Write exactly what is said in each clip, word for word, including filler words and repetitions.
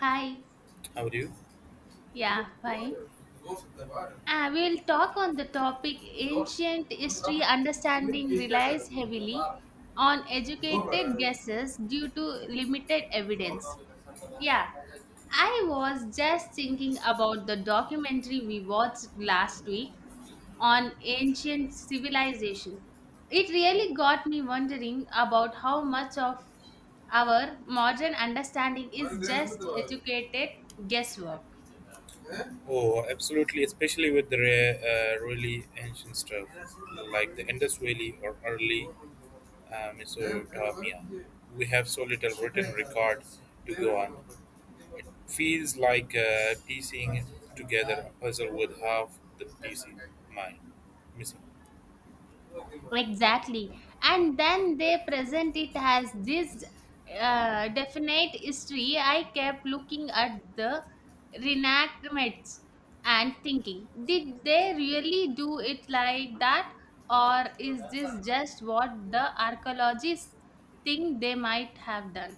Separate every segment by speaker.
Speaker 1: Hi,
Speaker 2: How are you?
Speaker 1: yeah, fine. Uh, we'll talk on the topic ancient history understanding relies heavily on educated guesses due to limited evidence. Yeah, I was just thinking about the documentary we watched last week on ancient civilization. It really got me wondering about how much of our modern understanding is just educated guesswork.
Speaker 2: Oh, absolutely, especially with the rare, uh, really ancient stuff like the Indus Valley or early uh, Mesopotamia. We have so little written record to go on. It feels like uh, piecing together a puzzle with half the pieces mine missing.
Speaker 1: Exactly. And then they present it as this uh, definite history. I kept looking at the reenactments and thinking, did they really do it like that? Or is this just what the archaeologists think they might have done?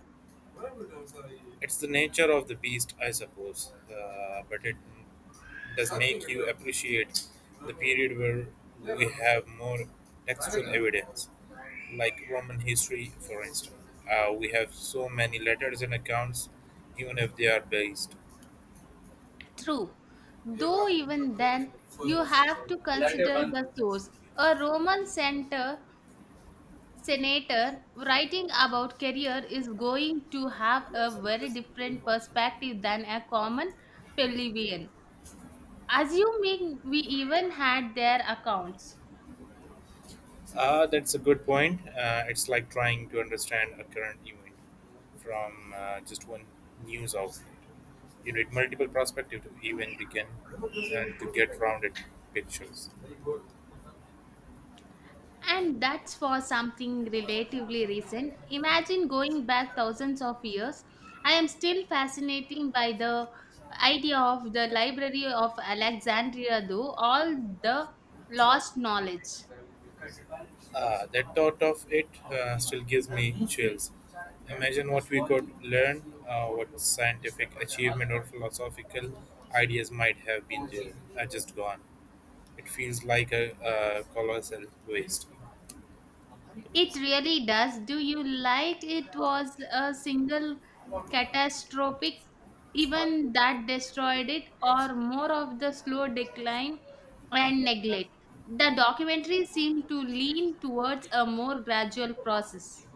Speaker 2: It's the nature of the beast, I suppose, uh, but it does make you appreciate the period where we have more textual evidence, like Roman history, for instance. Uh, we have so many letters and accounts, even if they are based.
Speaker 1: True. Though even then, you have to
Speaker 2: Later
Speaker 1: consider
Speaker 2: one.
Speaker 1: the source. A Roman center senator writing about career is going to have a very different perspective than a common plebeian assuming we even had their accounts.
Speaker 2: Uh, that's a good point. Uh, it's like trying to understand a current event from uh, just one news outlet. You need multiple perspectives to even begin uh, to get rounded pictures.
Speaker 1: And that's for something relatively recent. Imagine going back thousands of years. I am still fascinated by the idea of the library of alexandria, though. All the lost knowledge.
Speaker 2: Uh, that thought of it uh, still gives me chills. Imagine what we could learn, uh, what scientific achievement or philosophical ideas might have been there, uh, just gone. It feels like a, a colossal waste.
Speaker 1: It really does. Do you like it was a single catastrophic event that destroyed it, or more of the slow decline and neglect? The documentary seemed to lean towards a more gradual process.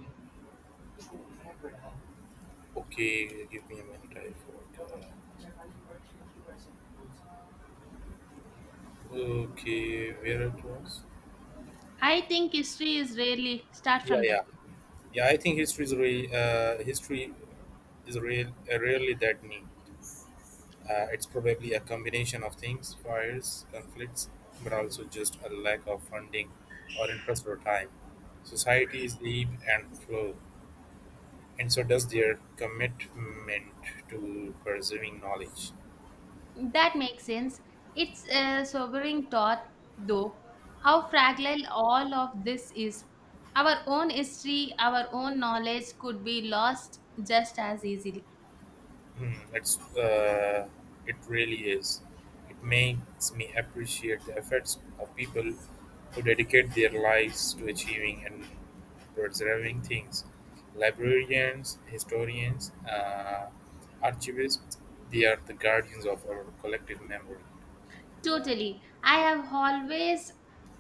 Speaker 2: Okay, give me a minute. I forgot. Okay, where it was?
Speaker 1: I think history is really start
Speaker 2: Yeah,
Speaker 1: from there.
Speaker 2: yeah, yeah. I think history is real. Uh, history is real. Uh, really that neat. Uh, it's probably a combination of things: fires, conflicts, but also just a lack of funding or interest or time. Societies ebb and flow, and so does their commitment to preserving knowledge.
Speaker 1: That makes sense. It's a sobering thought, though, how fragile all of this is. Our own history, our own knowledge could be lost just as easily.
Speaker 2: Hmm, it's uh, it really is. It makes me appreciate the efforts of people who dedicate their lives to achieving and preserving things. Librarians, historians, uh, archivists, they are the guardians of our collective memory.
Speaker 1: Totally. I have always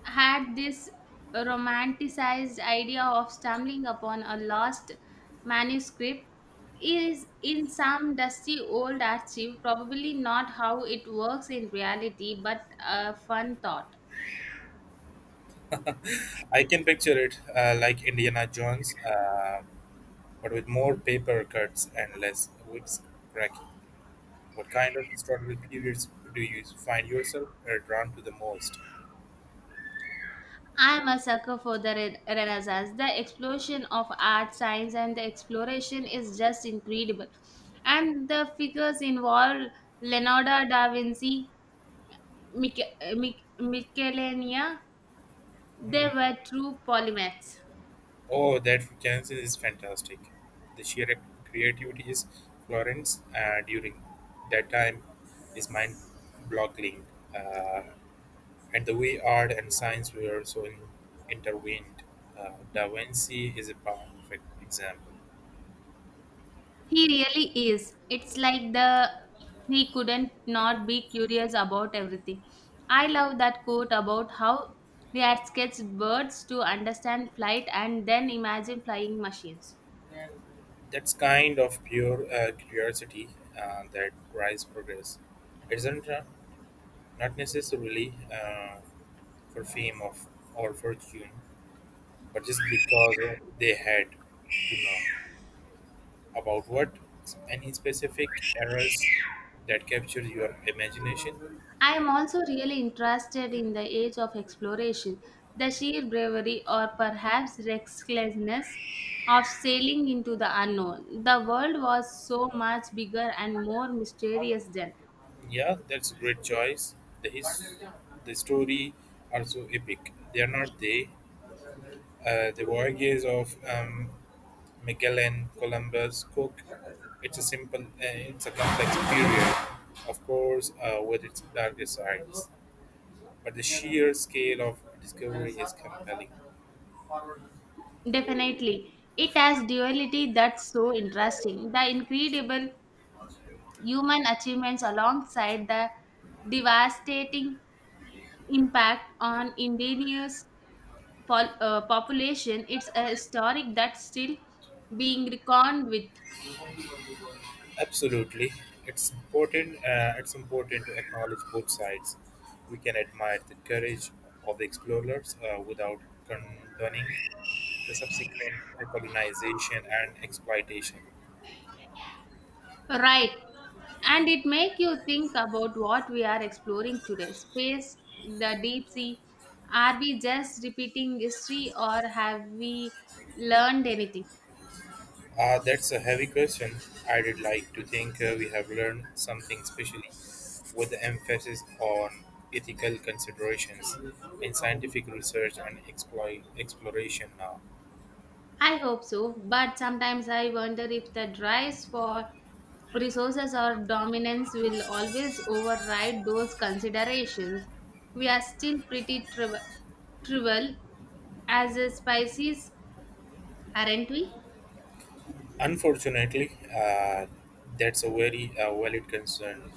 Speaker 1: had this romanticized idea of stumbling upon a lost manuscript is in some dusty old archive, probably not how it works in reality, but a fun thought.
Speaker 2: I can picture it uh, like Indiana Jones, uh, but with more paper cuts and less whips cracking. What kind of historical periods do you find yourself uh, drawn to the most?
Speaker 1: I'm a sucker for the re- Renaissance. The explosion of art, science, and the exploration is just incredible. And the figures involved, Leonardo da Vinci, Mich- Mich- Michelangelo, they
Speaker 2: Mhm.
Speaker 1: were true polymaths.
Speaker 2: Oh, that Renaissance is fantastic. The sheer creativity is Florence uh, during that time is mind-boggling, uh, and the way art and science were so in- intertwined. Uh, Da Vinci is a perfect example.
Speaker 1: He really is. It's like the he couldn't not be curious about everything. I love that quote about how we had sketched birds to understand flight and then imagine flying machines.
Speaker 2: That's kind of pure uh, curiosity uh, that drives progress, isn't it? Not necessarily uh, for fame of, or fortune, but just because uh, they had to know about what any specific errors that capture your imagination.
Speaker 1: I am also really interested in the age of exploration, the sheer bravery or perhaps recklessness of sailing into the unknown. The world was so much bigger and more mysterious then.
Speaker 2: Yeah, that's a great choice. The, his, the story are so epic. They are not they. Uh, the voyages of um, Magellan, Columbus, Cook. It's a simple, uh, it's a complex period, of course, uh, with its darker sides, but the sheer scale of discovery is compelling.
Speaker 1: Definitely, it has duality that's so interesting. The incredible human achievements alongside the devastating impact on indigenous pol- uh, population, it's a historic that's still being reckoned with.
Speaker 2: Absolutely, it's important. Uh, it's important to acknowledge both sides. We can admire the courage of the explorers uh, without condoning the subsequent colonization and exploitation.
Speaker 1: Right. And it make you think about what we are exploring today. Space, the deep sea. Are we just repeating history or have we learned anything?
Speaker 2: Uh, that's a heavy question. I'd like to think uh, we have learned something, especially with the emphasis on ethical considerations in scientific research and exploit, exploration now.
Speaker 1: I hope so, but sometimes I wonder if the drives for resources or dominance will always override those considerations. We are still pretty triv- trivial as a species, aren't we?
Speaker 2: Unfortunately, uh, that's a very uh, valid concern.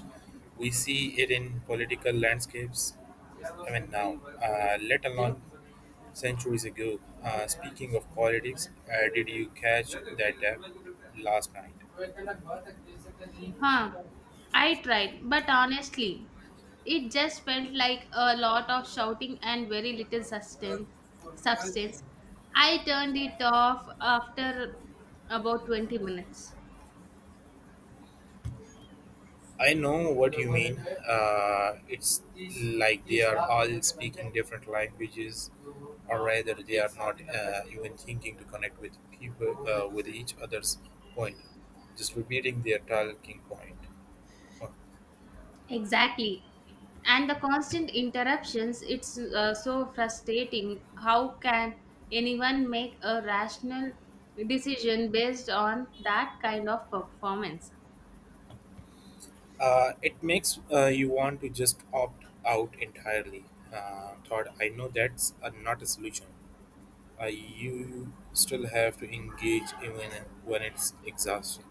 Speaker 2: We see it in political landscapes, I mean, now, uh, let alone centuries ago. Uh, speaking of politics, uh, did you catch that uh, last night?
Speaker 1: Huh. I tried, but honestly, it just felt like a lot of shouting and very little sustain- substance. I turned it off after about twenty minutes.
Speaker 2: I know what you mean. Uh, it's like they are all speaking different languages, or rather, they are not uh, even thinking to connect with people uh, with each other's point, just repeating their talking point. Okay.
Speaker 1: Exactly. And the constant interruptions, it's uh, so frustrating. How can anyone make a rational decision based on that kind of performance?
Speaker 2: Uh, it makes uh, you want to just opt out entirely. Uh, thought I know that's uh, not a solution. Uh, you still have to engage even when it's exhausting.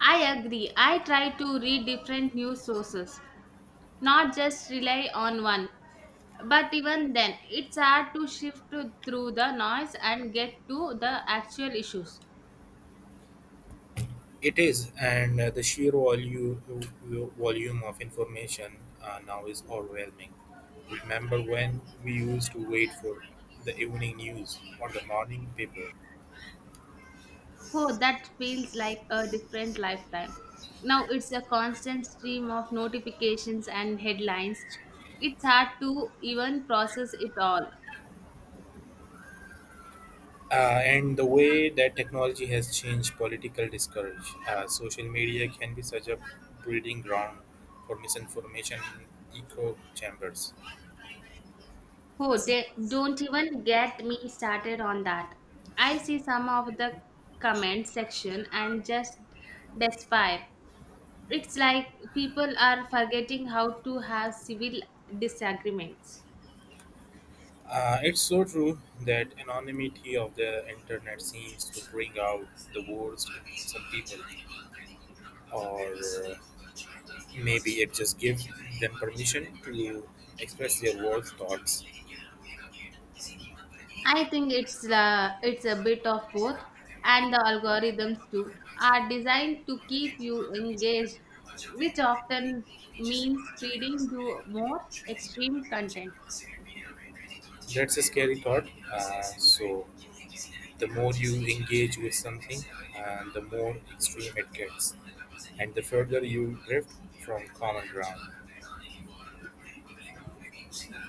Speaker 1: I agree. I try to read different news sources, not just rely on one. But even then, it's hard to shift to- through the noise and get to the actual issues.
Speaker 2: It is, and uh, the sheer volume volume of information uh, now is overwhelming. Remember when we used to wait for the evening news or the morning paper?
Speaker 1: Oh, that feels like a different lifetime. Now it's a constant stream of notifications and headlines. It's hard to even process it all.
Speaker 2: Uh, and the way that technology has changed political discourse. Uh, social media can be such a breeding ground for misinformation in echo chambers.
Speaker 1: Oh, de- don't even get me started on that. I see some of the comment section and just despair. It's like people are forgetting how to have civil disagreements.
Speaker 2: Uh, it's so true that anonymity of the internet seems to bring out the worst in some people, or uh, maybe it just gives them permission to express their worst thoughts.
Speaker 1: I think it's uh, it's a bit of both, and the algorithms too are designed to keep you engaged, which often means feeding you more extreme content.
Speaker 2: That's a scary thought. Uh, so the more you engage with something, uh, the more extreme it gets, and the further you drift from common ground.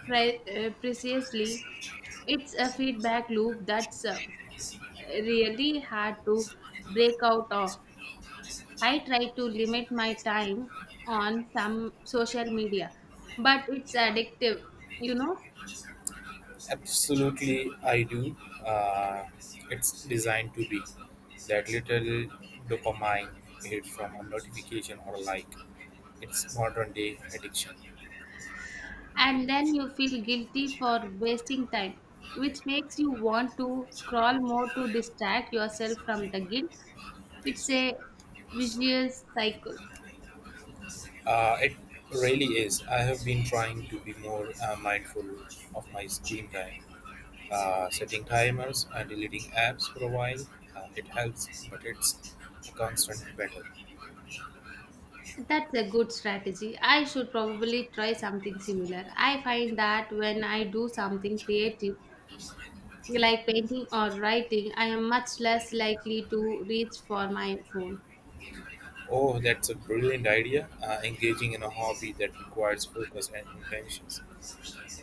Speaker 1: Pre- uh, precisely, it's a feedback loop that's uh, really hard to break out of. I try to limit my time on some social media, but it's addictive, you know.
Speaker 2: Absolutely, I do. Uh, it's designed to be that little dopamine hit from a notification or a like. It's modern day addiction.
Speaker 1: And then you feel guilty for wasting time, which makes you want to scroll more to distract yourself from the guilt. It's a vicious cycle.
Speaker 2: Uh, it really is. I have been trying to be more uh, mindful of my screen time, uh, setting timers and deleting apps for a while. Uh, it helps, but it's a constant battle.
Speaker 1: That's a good strategy. I should probably try something similar. I find that when I do something creative, like painting or writing, I am much less likely to reach for my phone.
Speaker 2: Oh, that's a brilliant idea. Uh, engaging in a hobby that requires focus and intentions.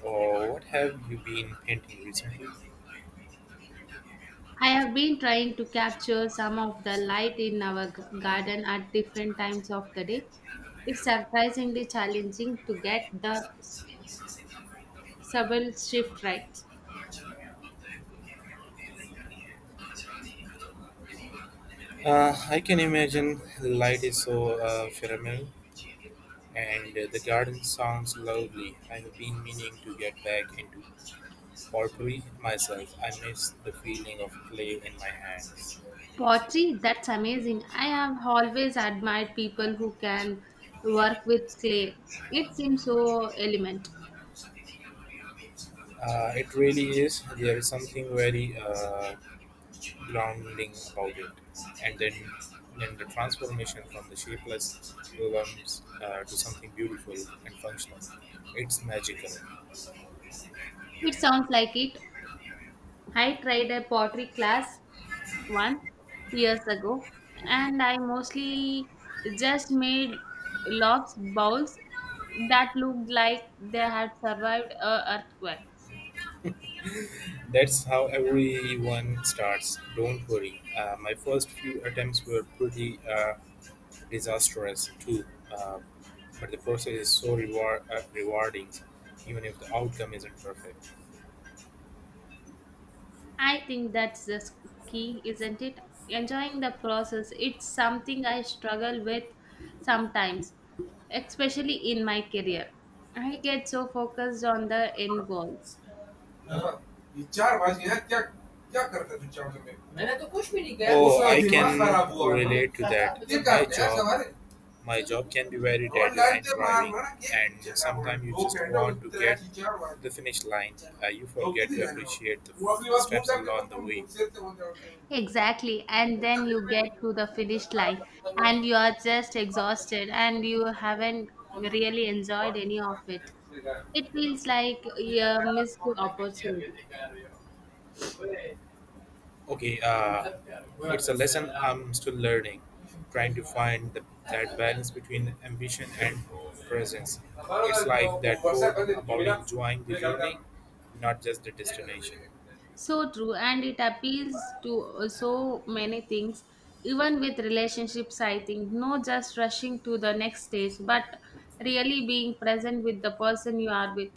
Speaker 2: Oh, what have you been painting recently?
Speaker 1: I have been trying to capture some of the light in our g- garden at different times of the day. It's surprisingly challenging to get the s- subtle shift right.
Speaker 2: Uh, I can imagine light is so uh, phenomenal, and uh, the garden sounds lovely. I have been meaning to get back into potpourri myself. I miss the feeling of clay in my hands.
Speaker 1: Pottery, that's amazing. I have always admired people who can work with clay. It seems so element.
Speaker 2: Uh, it really is. There is something very uh, grounding about it. And then, then the transformation from the shapeless lumps uh, to something beautiful and functional. It's magical.
Speaker 1: It sounds like it. I tried a pottery class one years ago, and I mostly just made lobs bowls that looked like they had survived a earthquake.
Speaker 2: That's how everyone starts. Don't worry. Uh, my first few attempts were pretty uh, disastrous too. Uh, but the process is so reward, uh, rewarding, even if the outcome isn't perfect.
Speaker 1: I think that's the s- key, isn't it? Enjoying the process. It's something I struggle with sometimes, especially in my career. I get so focused on the end goals.
Speaker 2: ये चार बाजी हैं क्या क्या करते थे चावल में मैंने तो कुछ भी नहीं किया। Oh, दूसरा I दिमाग can relate to that. My job can be very और light deadline driving, and sometimes you just want to get to the finish line, uh, you forget to appreciate the steps along the way.
Speaker 1: Exactly. And then you get to the finish line and you are just exhausted and you haven't really enjoyed any of it. It feels like a missed opportunity.
Speaker 2: Okay, uh, it's a lesson I'm still learning, trying to find the, that balance between ambition and presence. It's like that quote about enjoying the journey, not just the destination.
Speaker 1: So true. And it appeals to uh, so many things, even with relationships, I think. No just rushing to the next stage, but really being present with the person you are with.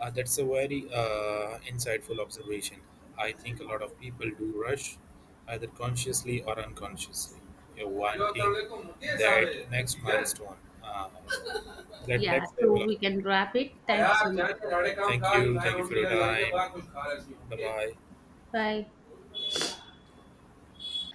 Speaker 2: Uh, that's a very uh, insightful observation. I think a lot of people do rush, either consciously or unconsciously, uh, wanting that next milestone, uh, that
Speaker 1: Yeah.
Speaker 2: next
Speaker 1: So
Speaker 2: level of
Speaker 1: we can wrap it. Thank you so much.
Speaker 2: commitment. Thank you. Thank you for your time. Bye bye.
Speaker 1: Bye.